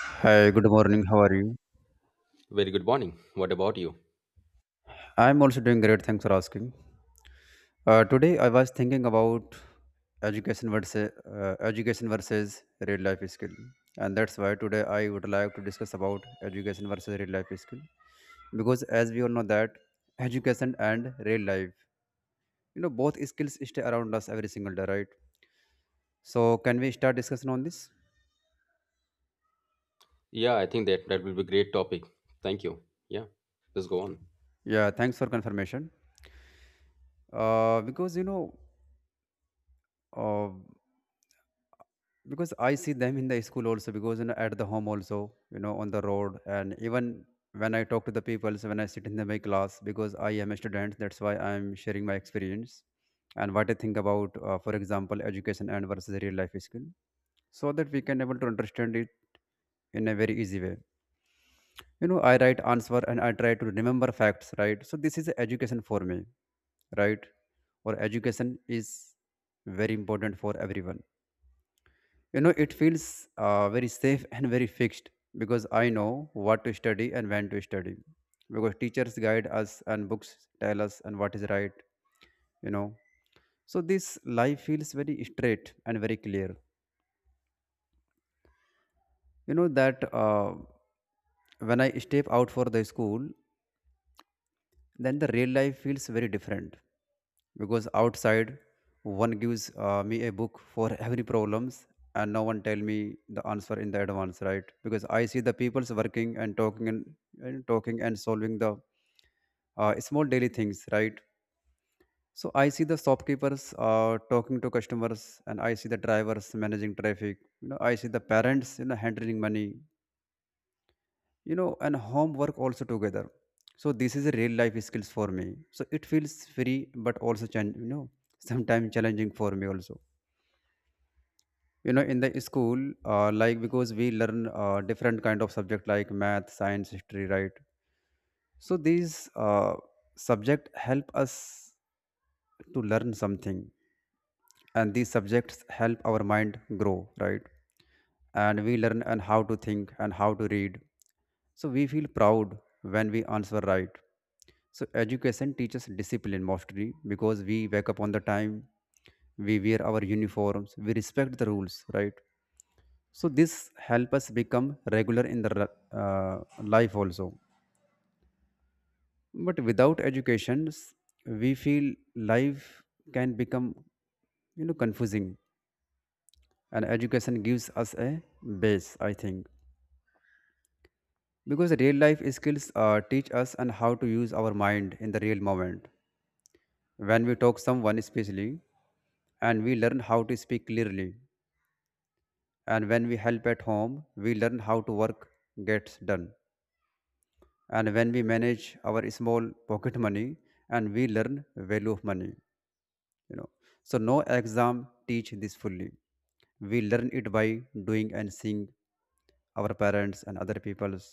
Hi, good morning. How are you? Very good morning. What about you? I'm also doing great. Thanks for asking. Today, I was thinking about education versus real life skill, and that's why today I would like to discuss about education versus real life skill because, as we all know, that education and real life, both skills stay around us every single day, right? So, can we start discussion on this? Yeah, I think that will be great topic. Thank you. Yeah, let's go on. Yeah, thanks for confirmation. Uh, because you know, uh, because I see them in the school also, because you know at the home also, you know, on the road, and even when I talk to the people. So when I sit in the my class, because I am a student, that's why I'm sharing my experience and what I think about, for example, education and versus real life skill, so that we can able to understand it in a very easy way. You know, I write answer and I try to remember facts, right? So this is education for me. Right? Or education is very important for everyone. You know, it feels very safe and very fixed, because I know what to study and when to study, because teachers guide us and books tell us and what is right, you know. So this, life feels very straight and very clear. You know that when I step out for the school, then the real life feels very different, because outside one gives me a book for every problems, and no one tell me the answer in the advance, right? Because I see the people's working and talking and talking and solving the small daily things, right? So I see the shopkeepers talking to customers, and I see the drivers managing traffic, you know, I see the parents, you know, handling money, you know, and homework also together. So this is a real life skills for me. So it feels free, but also sometimes challenging for me also. You know, in the school, like because we learn different kind of subject like math, science, history, right? So these uh, subject help us to learn something, and these subjects help our mind grow, right? And we learn and how to think and how to read, so we feel proud when we answer right. So education teaches discipline mostly, because we wake up on the time, we wear our uniforms, we respect the rules, right? So this help us become regular in the life also. But without education, we feel life can become, you know, confusing, and education gives us a base, I think, because real life skills teach us and how to use our mind in the real moment. When we talk someone especially, and we learn how to speak clearly, and when we help at home, we learn how to work gets done. And when we manage our small pocket money, and we learn value of money, you know. So no exam teach this fully, we learn it by doing and seeing our parents and other people's.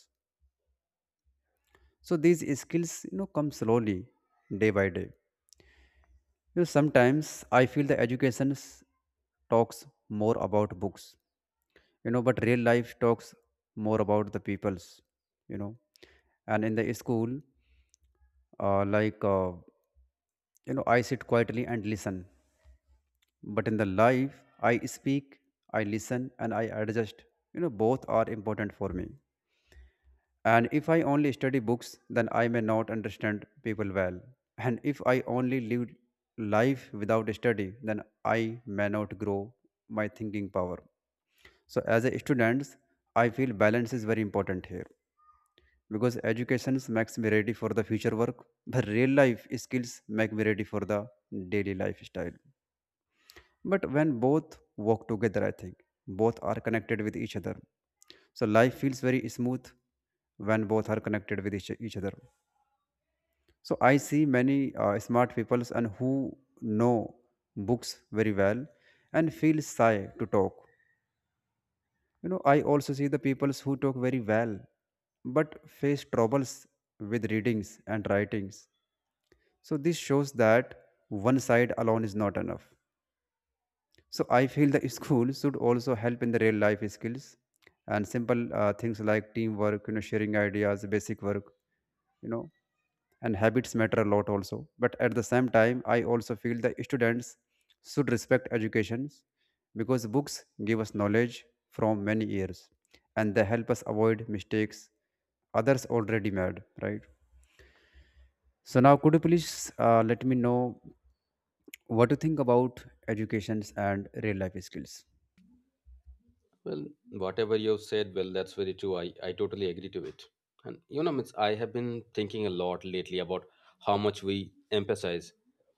So these skills, you know, come slowly, day by day. You know, sometimes I feel the education talks more about books, you know, but real life talks more about the peoples, you know. And in the school, uh, like uh, you know, I sit quietly and listen. But in the life, I speak, I listen, and I adjust. You know, both are important for me. And if I only study books, then I may not understand people well. And if I only live life without study, then I may not grow my thinking power. So as a student, I feel balance is very important here, because education makes me ready for the future work, but real life skills make me ready for the daily lifestyle. But when both work together, I think both are connected with each other. So life feels very smooth when both are connected with each other. So I see many smart people and who know books very well and feel shy to talk. You know, I also see the people who talk very well but face troubles with readings and writings. So this shows that one side alone is not enough. So I feel the school should also help in the real life skills and simple things like teamwork, you know, sharing ideas, basic work, you know, and habits matter a lot also. But at the same time, I also feel that students should respect educations, because books give us knowledge from many years, and they help us avoid mistakes others already made, right? So now could you please let me know what you think about educations and real life skills. Well, whatever you've said, well, that's very true. I totally agree to it. And you know, Mitch, I have been thinking a lot lately about how much we emphasize,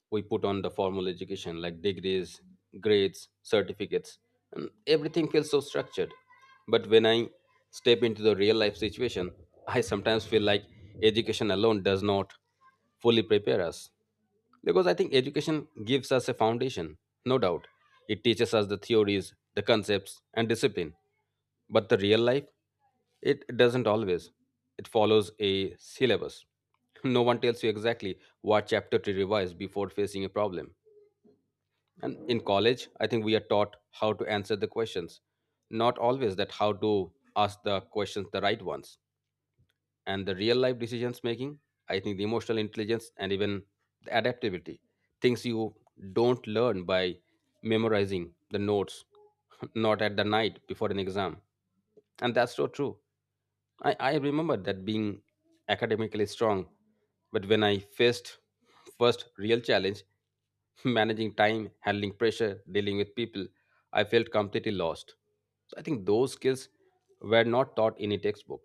we put on the formal education like degrees, grades, certificates, and everything feels so structured. But when I step into the real life situation, I sometimes feel like education alone does not fully prepare us. Because I think education gives us a foundation, no doubt. It teaches us the theories, the concepts, and discipline. But the real life, it doesn't always. It follows a syllabus. No one tells you exactly what chapter to revise before facing a problem. And in college, I think we are taught how to answer the questions, not always that how to ask the questions the right ones and the real life decisions making. I think the emotional intelligence and even the adaptability, things you don't learn by memorizing the notes, not at the night before an exam. And that's so true. I remember that being academically strong, but when I faced first real challenge, managing time, handling pressure, dealing with people, I felt completely lost. So I think those skills were not taught in a textbook.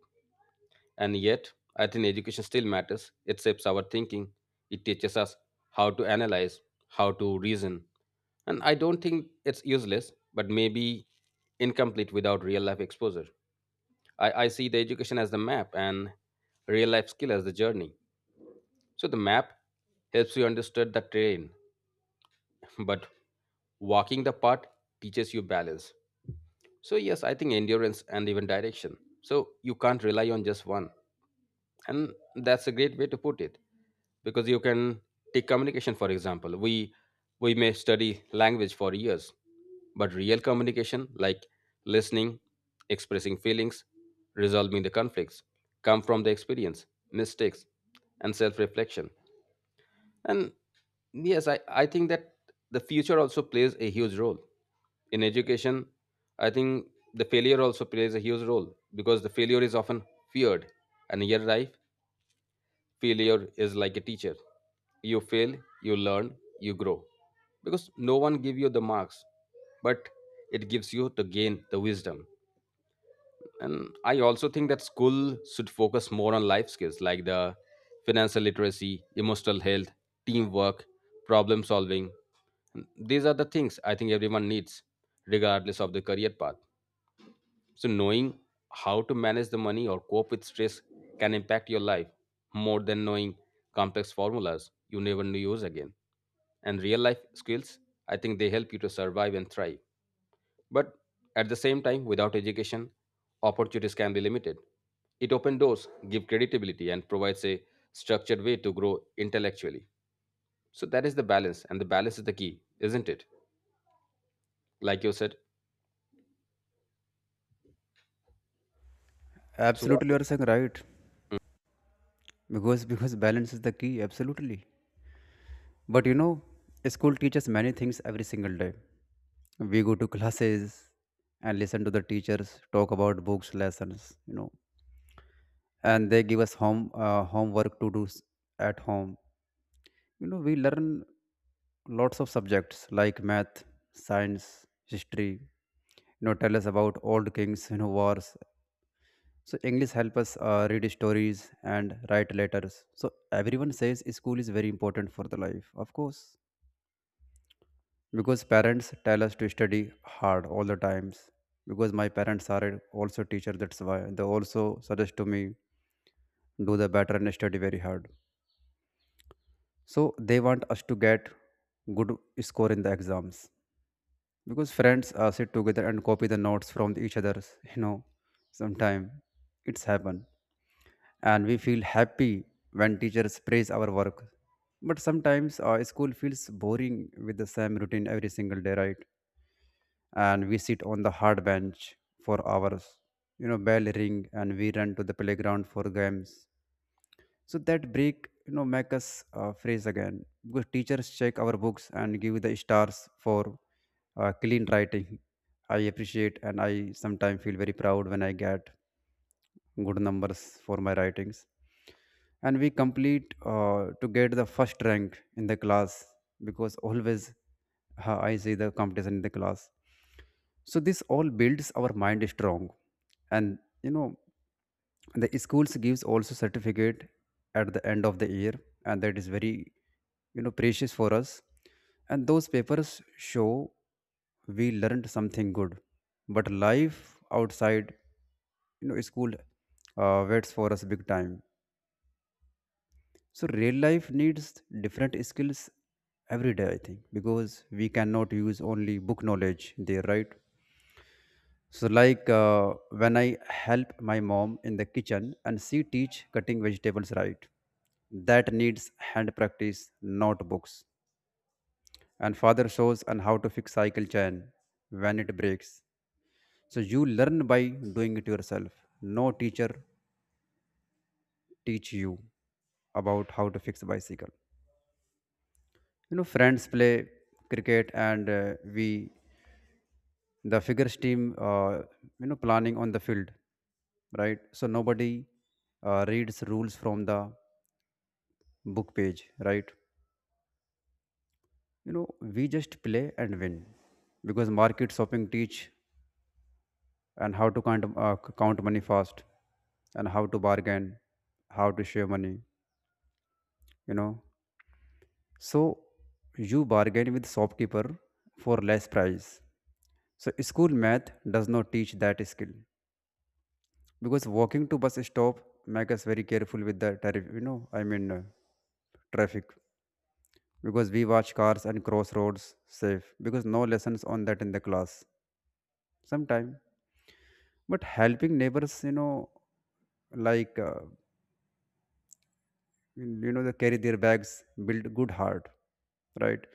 And yet, I think education still matters. It shapes our thinking, it teaches us how to analyze, how to reason. And I don't think it's useless, but maybe incomplete without real life exposure. I see the education as the map and real life skill as the journey. So the map helps you understand the terrain, but walking the path teaches you balance. So, yes, I think endurance and even direction. So, you can't rely on just one. And that's a great way to put it because you can take communication for example. We may study language for years, but real communication like listening, expressing feelings, resolving the conflicts come from the experience, mistakes, and self-reflection. And yes, I think that the future also plays a huge role in education. I think the failure also plays a huge role because the failure is often feared. And here life, failure is like a teacher. You fail, you learn, you grow. Because no one give you the marks, but it gives you to gain the wisdom. And I also think that school should focus more on life skills like the financial literacy, emotional health, teamwork, problem solving. These are the things I think everyone needs, regardless of the career path. So, knowing how to manage the money or cope with stress can impact your life more than knowing complex formulas you never knew use again. And real life skills, I think they help you to survive and thrive. But at the same time, without education, opportunities can be limited. It opens doors, gives credibility, and provides a structured way to grow intellectually. So that is the balance, and the balance is the key, isn't it? Like you said. So what? Absolutely, you are saying right. Because balance is the key, absolutely. But you know, school teaches many things every single day. We go to classes and listen to the teachers talk about books, lessons, you know, and they give us homework to do at home. You know, we learn lots of subjects like math, science, history. You know, tell us about old kings, you know, wars. So English help us read stories and write letters. So everyone says school is very important for the life, of course. Because parents tell us to study hard all the times, because my parents are also teacher, that's why they also suggest to me do the better and study very hard. So they want us to get good score in the exams. Because friends sit together and copy the notes from each other's, you know, sometime it's happen. And we feel happy when teachers praise our work. But sometimes school feels boring with the same routine every single day, right? And we sit on the hard bench for hours. You know, bell ring and we run to the playground for games. So that break, you know, make us freeze again, because teachers check our books and give the stars for clean writing. I appreciate, and I sometimes feel very proud when I get good numbers for my writings, and we complete to get the first rank in the class. Because always I see the competition in the class. So this all builds our mind strong. And, you know, the schools gives also certificate at the end of the year, and that is very, you know, precious for us, and those papers show we learned something good. But life outside, you know, school waits for us big time. So real life needs different skills every day, I think, because we cannot use only book knowledge there, right? So like when I help my mom in the kitchen and she teach cutting vegetables, right, that needs hand practice, not books. And father shows on how to fix cycle chain when it breaks. So you learn by doing it yourself. No teacher teach you about how to fix a bicycle. You know, friends play cricket, and we the figures team, you know, planning on the field, right? So nobody reads rules from the book page, right? You know, we just play and win. Because market shopping teach and how to count money fast, and how to bargain, how to share money, you know. So you bargain with shopkeeper for less price. So school math does not teach that skill. Because walking to bus stop make us very careful with the tariff you know I mean traffic, because we watch cars and cross roads safe, because no lessons on that in the class sometime. But helping neighbors, you know, like you know, they carry their bags, build good heart, right?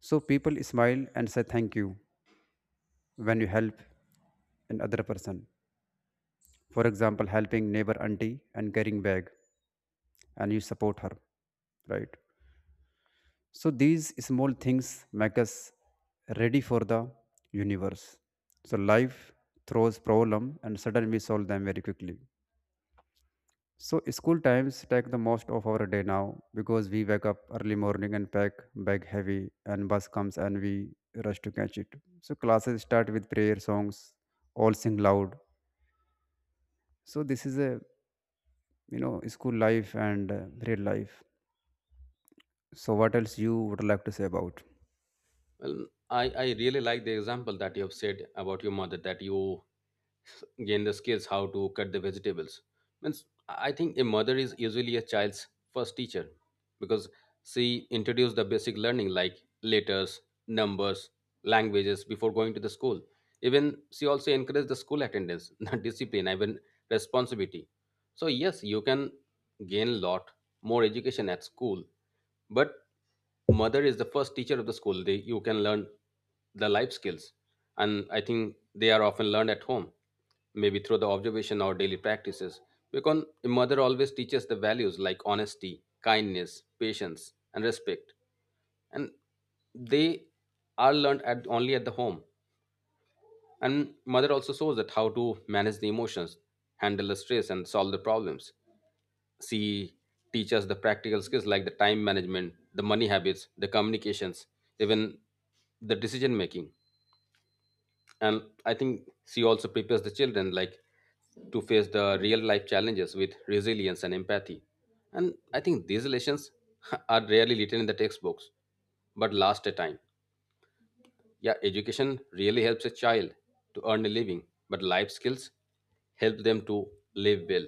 So people smile and say thank you when you help an other person. For example, helping neighbor auntie and carrying bag, and you support her, right? So these small things make us ready for the universe. So life throws problem and suddenly we solve them very quickly. So school times take the most of our day now, because we wake up early morning and pack bag heavy and bus comes and we rush to catch it. So classes start with prayer songs, all sing loud. So this is a, you know, school life and real life. So what else you would like to say about? Well, I really like the example that you have said about your mother, that you gain the skills how to cut the vegetables. Means I think a mother is usually a child's first teacher because she introduced the basic learning like letters, numbers, languages before going to the school. Even she also encouraged the school attendance, the discipline, even responsibility. So yes, you can gain a lot more education at school, but mother is the first teacher of the school. They, you can learn the life skills, and I think they are often learned at home, maybe through the observation or daily practices, because a mother always teaches the values like honesty, kindness, patience, and respect. And they are learned at only at the home. And mother also shows that how to manage the emotions, handle the stress, and solve the problems. She teaches the practical skills like the time management, the money habits, the communications, even the decision making. And I think she also prepares the children like to face the real life challenges with resilience and empathy. And I think these lessons are rarely written in the textbooks, but last a time. Yeah, education really helps a child to earn a living, but life skills help them to live well.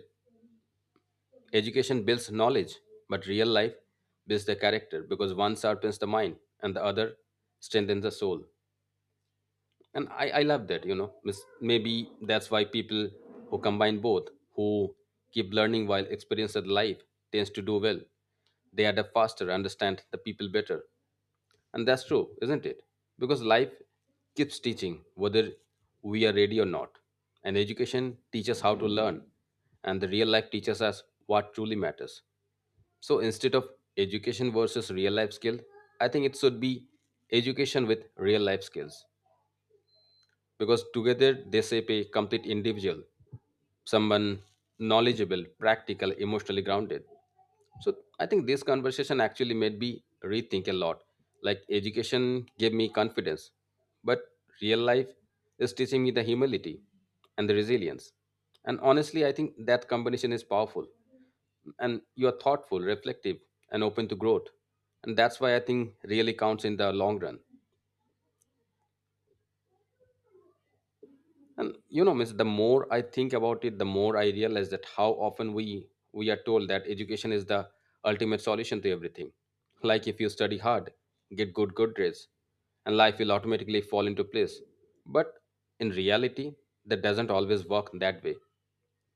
Education builds knowledge, but real life builds the character because one sharpens the mind and the other strengthens the soul. And I love that, you know. Maybe that's why people who combine both, who keep learning while experiencing life, tends to do well. They adapt faster, understand the people better. And that's true, isn't it? Because life keeps teaching whether we are ready or not. And education teaches how to learn. And the real life teaches us what truly matters. So instead of education versus real life skill, I think it should be education with real life skills because together they shape a complete individual, someone knowledgeable, practical, emotionally grounded. So I think this conversation actually made me rethink a lot. Like education gave me confidence, but real life is teaching me the humility and the resilience. And honestly, I think that combination is powerful. And you are thoughtful, reflective, and open to growth. And that's why I think really counts in the long run. And you know, means the more I think about it, the more I realize that how often we are told that education is the ultimate solution to everything. Like if you study hard, get good grades, and life will automatically fall into place. But in reality, that doesn't always work that way,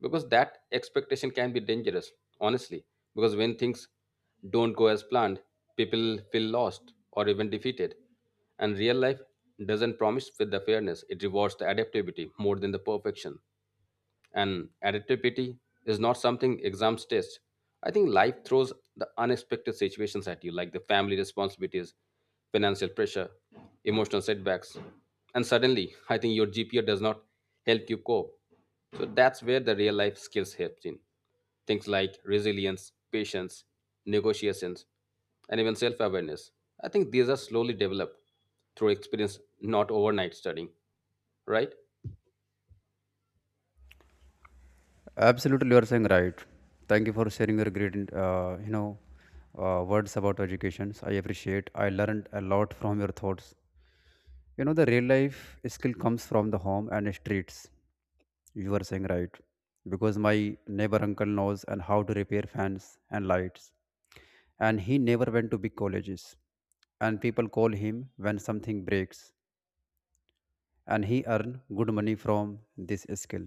because that expectation can be dangerous, honestly, because when things don't go as planned, people feel lost or even defeated. And real life doesn't promise with the fairness. It rewards the adaptability more than the perfection. And adaptability is not something exams test. I think life throws the unexpected situations at you, like the family responsibilities, financial pressure, emotional setbacks. And suddenly, I think your GPA does not help you cope. So that's where the real life skills helps in. Things like resilience, patience, negotiations, and even self awareness. I think these are slowly developed through experience, not overnight studying, right? Absolutely, you are saying right. Thank you for sharing your great, words about education. I appreciate. I learned a lot from your thoughts. You know, the real life skill comes from the home and streets. You are saying right, because my neighbor uncle knows and how to repair fans and lights, and he never went to big colleges, and people call him when something breaks, and he earn good money from this skill.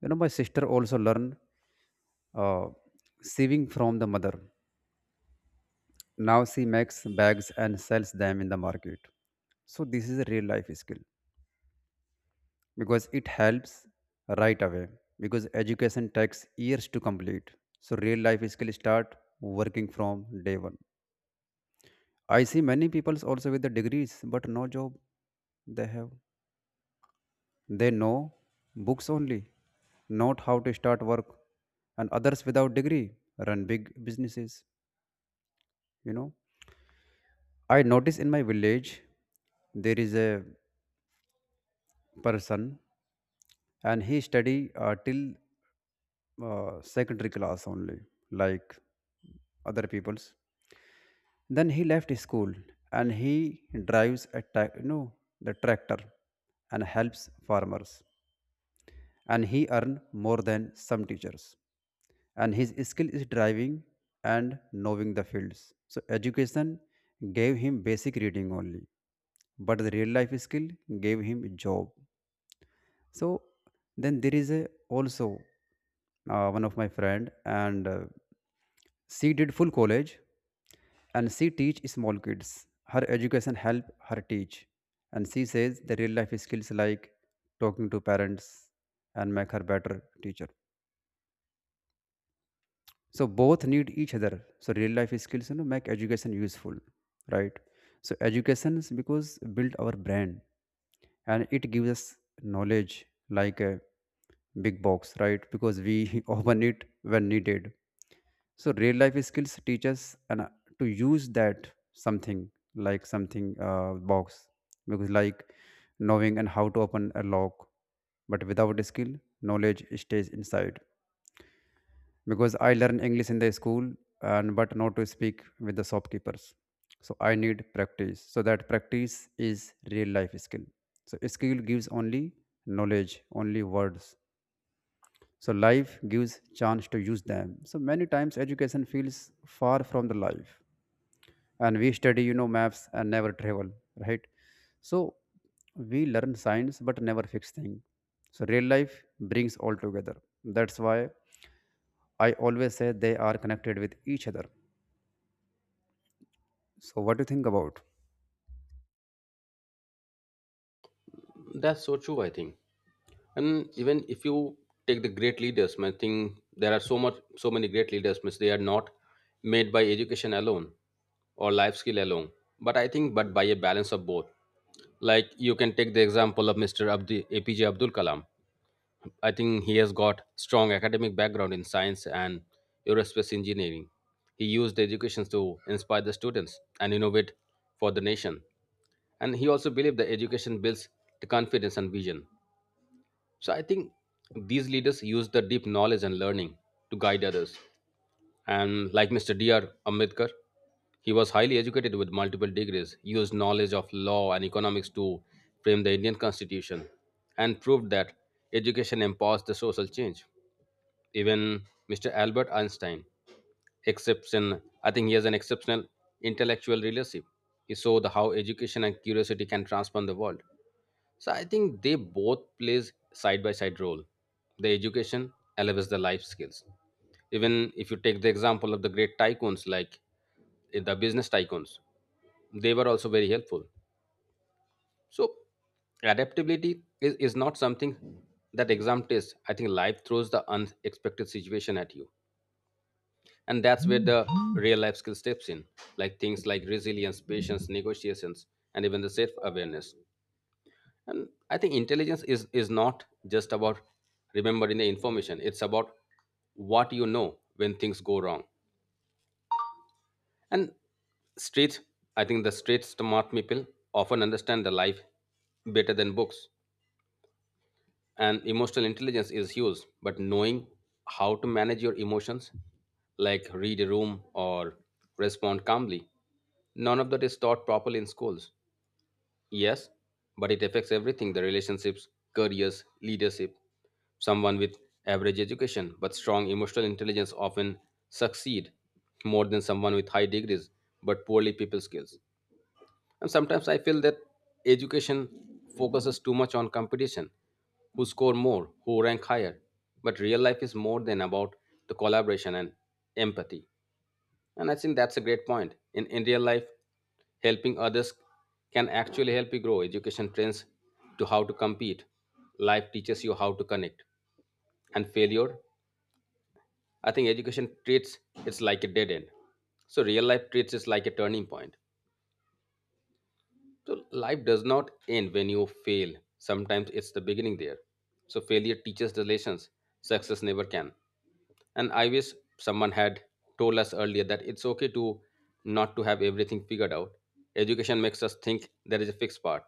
You know, my sister also learned uh, saving from the mother. Now she makes bags and sells them in the market. So this is a real life skill because it helps right away because education takes years to complete. So real life skill start working from day one. I see many people also with the degrees but no job they have. They know books only, not how to start work, and others without degree run big businesses. You know I notice in my village there is a person and he study till secondary class only like other people's, then he left school and he drives a ta- you know the tractor and helps farmers and he earn more than some teachers. And his skill is driving and knowing the fields. So education gave him basic reading only, but the real life skill gave him a job. So then there is a also one of my friend and she did full college and she teach small kids. Her education help her teach, and she says the real life skills like talking to parents and make her better teacher. So both need each other. So real life skills, you know, make education useful, right? So education is because build our brain and it gives us knowledge like a big box, right, because we open it when needed. So real life skills teach us and to use that something, like something box, because like knowing and how to open a lock. But without a skill, knowledge stays inside, because I learn English in the school and but not to speak with the shopkeepers. So I need practice. So that practice is real life skill. So skill gives only knowledge, only words. So life gives chance to use them. So many times education feels far from the life. And we study, you know, maps and never travel, right? So we learn science but never fix things. So real life brings all together. That's why I always say they are connected with each other. So what do you think about? That's so true, I think. And even if you take the great leaders, I think there are so much, so many great leaders. Means they are not made by education alone or life skill alone, but I think but by a balance of both. Like you can take the example of Mr. Abdi, APJ Abdul Kalam. I think he has got strong academic background in science and aerospace engineering. He used education to inspire the students and innovate for the nation. And he also believed that education builds the confidence and vision. So I think these leaders use the deep knowledge and learning to guide others. And like Mr. D.R. Ambedkar, he was highly educated with multiple degrees, used knowledge of law and economics to frame the Indian constitution, and proved that education empowers the social change. Even Mr. Albert Einstein, exception, I think he has an exceptional intellectual leadership. He showed how education and curiosity can transform the world. So I think they both plays side by side role. The education elevates the life skills. Even if you take the example of the great tycoons like the business tycoons, they were also very helpful. So adaptability is not something that exam tests. I think life throws the unexpected situation at you. And that's where the real life skill steps in, like things like resilience, patience, negotiations, and even the self awareness. And I think intelligence is not just about remembering the information, it's about what you know when things go wrong. And street, I think the street smart people often understand the life better than books. And emotional intelligence is huge, but knowing how to manage your emotions, like read a room or respond calmly, none of that is taught properly in schools. Yes, but it affects everything, the relationships, careers, leadership. Someone with average education but strong emotional intelligence often succeed more than someone with high degrees but poorly people skills. And sometimes I feel that education focuses too much on competition, who score more, who rank higher. But real life is more than about the collaboration and empathy. And I think that's a great point. In real life, helping others can actually help you grow. Education trains to how to compete. Life teaches you how to connect. And failure, I think education treats it's like a dead end. So real life treats it like a turning point. So life does not end when you fail. Sometimes it's the beginning there. So failure teaches the lessons success never can. And I wish someone had told us earlier that it's okay to not to have everything figured out. Education makes us think there is a fixed path,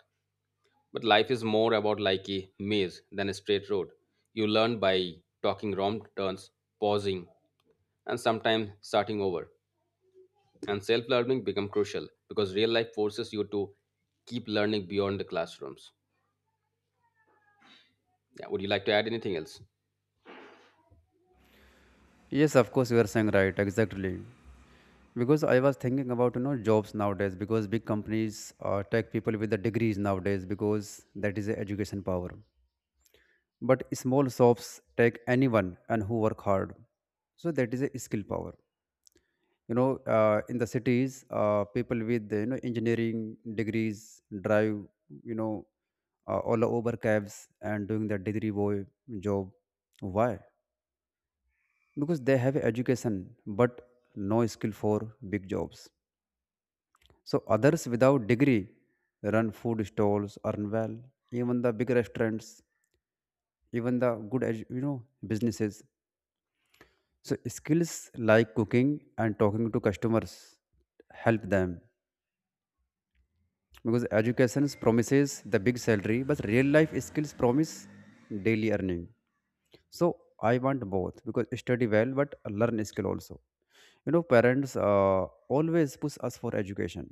but life is more about like a maze than a straight road. You learn by talking wrong turns, pausing, and sometimes starting over. And self learning become crucial because real life forces you to keep learning beyond the classrooms. Yeah, would you like to add anything else? Yes, of course you are saying right, exactly. Because I was thinking about, you know, jobs nowadays, because big companies take people with the degrees nowadays because that is the education power. But small shops take anyone and who work hard. So that is a skill power. You know, in the cities, people with, you know, engineering degrees drive, you know, all over cabs and doing their degree boy job. Why? Because they have education but no skill for big jobs. So others without degree run food stalls, earn well, even the big restaurants, even the good businesses. So skills like cooking and talking to customers help them, because education promises the big salary but real life skills promise daily earning. So I want both, because study well but learn skill also. You know, parents always push us for education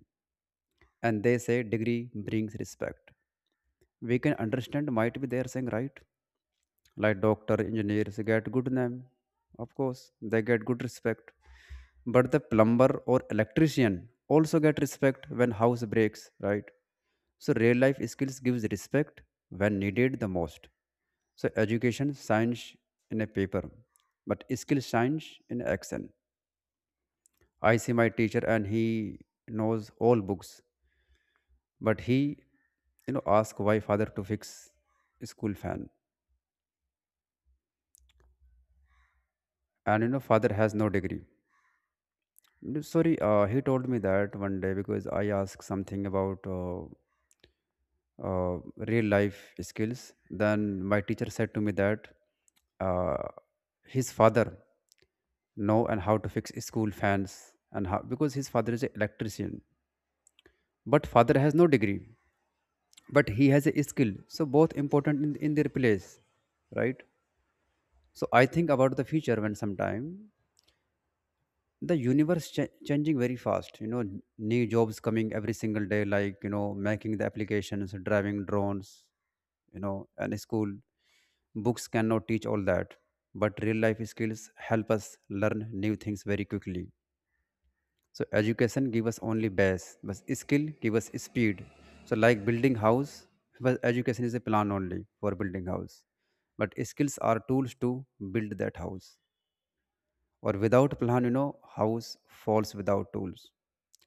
and they say degree brings respect. We can understand, might be they are saying right. Like doctor engineers get good name. Of course they get good respect. But the plumber or electrician also get respect when house breaks, right? So real life skills gives respect when needed the most. So education shines in a paper but skill shines in action. I see my teacher, and he knows all books, but he, you know, ask why father to fix school fan, and you know father has no degree. No. Sorry, he told me that one day because I asked something about uh, real life skills. Then my teacher said to me that uh, his father know and how to fix school fans and how, because his father is an electrician, but father has no degree, but he has a skill. So both important in their place, right? So I think about the future, when sometime the changing very fast. You know, new jobs coming every single day, like, you know, making the applications, driving drones, you know. And school books cannot teach all that, but real life skills help us learn new things very quickly. So education give us only base but skill give us speed. So like building house, but education is a plan only for building house, but skills are tools to build that house. Or without plan, you know, house falls, without tools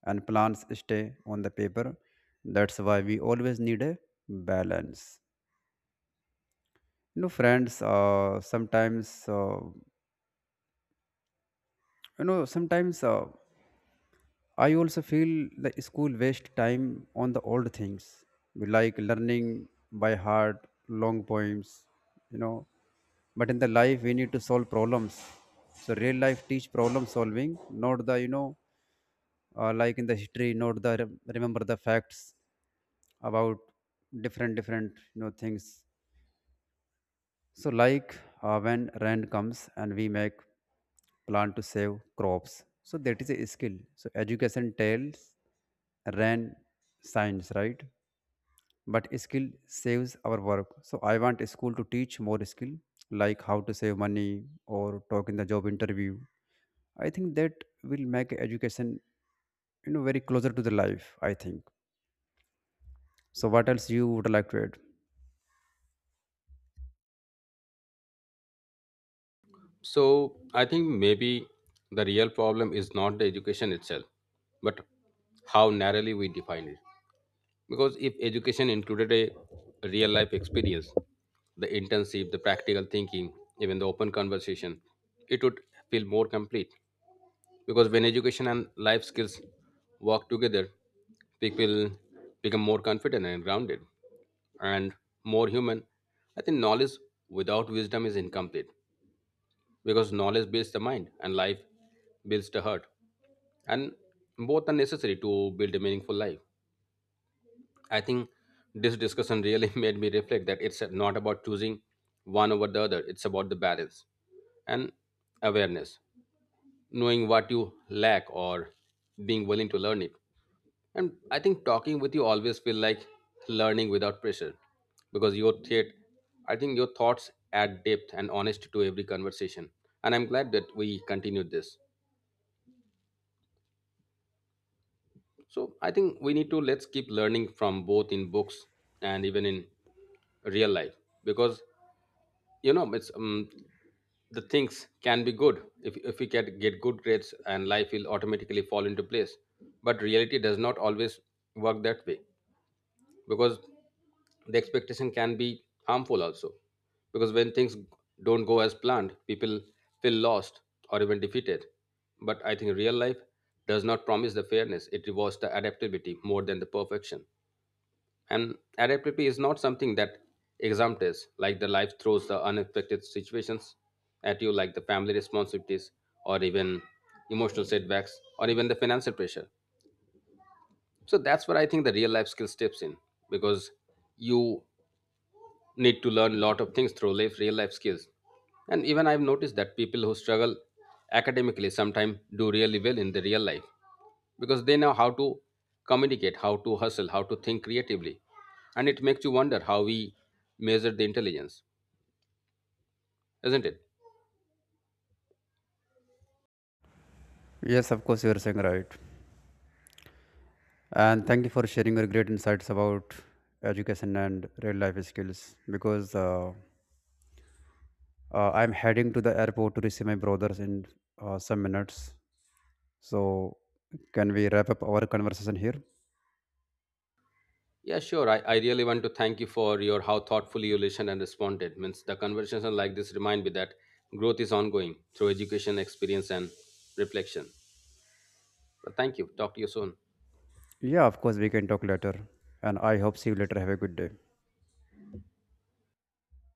and plans stay on the paper. That's why we always need a balance. You know, friends, sometimes, you know, sometimes, I also feel the school waste time on the old things, like learning by heart, long poems, you know. But in the life, we need to solve problems. So real life teach problem solving, not the, like in the history note the remember the facts about different different, you know, things. So like, when rain comes and we make plan to save crops, so that is a skill. So education tells rain science, right? But skill saves our work. So I want a school to teach more skill, like how to save money or talk in the job interview. I think that will make education, you know, very closer to the life, I think. So what else you would like to add? So I think maybe the real problem is not the education itself, but how narrowly we define it. Because if education included a real life experience, the intensive, the practical thinking, even the open conversation, it would feel more complete. Because when education and life skills work together, people become more confident and grounded and more human. I think knowledge without wisdom is incomplete, because knowledge builds the mind and life builds the heart. And both are necessary to build a meaningful life. I think this discussion really made me reflect that it's not about choosing one over the other, it's about the balance and awareness, knowing what you lack or being willing to learn it. And I think talking with you always feel like learning without pressure because your thought, I think your thoughts add depth and honesty to every conversation. And I'm glad that we continued this. So I think we need to, let's keep learning from both in books and even in real life, because you know it's the things can be good if we can get good grades and life will automatically fall into place, but reality does not always work that way, because the expectation can be harmful also, because when things don't go as planned, people feel lost or even defeated. But I think real life does not promise the fairness. It rewards the adaptability more than the perfection. And adaptability is not something that exam tests, like the life throws the unexpected situations at you, like the family responsibilities, or even emotional setbacks, or even the financial pressure. So that's where I think the real life skill steps in, because you need to learn a lot of things through life, real life skills. And even I've noticed that people who struggle academically sometimes do really well in the real life because they know how to communicate, how to hustle, how to think creatively. And it makes you wonder how we measure the intelligence, isn't it? Yes, of course you are saying right. And thank you for sharing your great insights about education and real life skills, because I'm heading to the airport to receive my brothers in some minutes. So can we wrap up our conversation here? Yeah, sure. I really want to thank you for your how thoughtfully you listened and responded. Means the conversation like this remind me that growth is ongoing through education, experience, and reflection. But thank you. Talk to you soon. Yeah, of course we can talk later. And I hope see you later. Have a good day.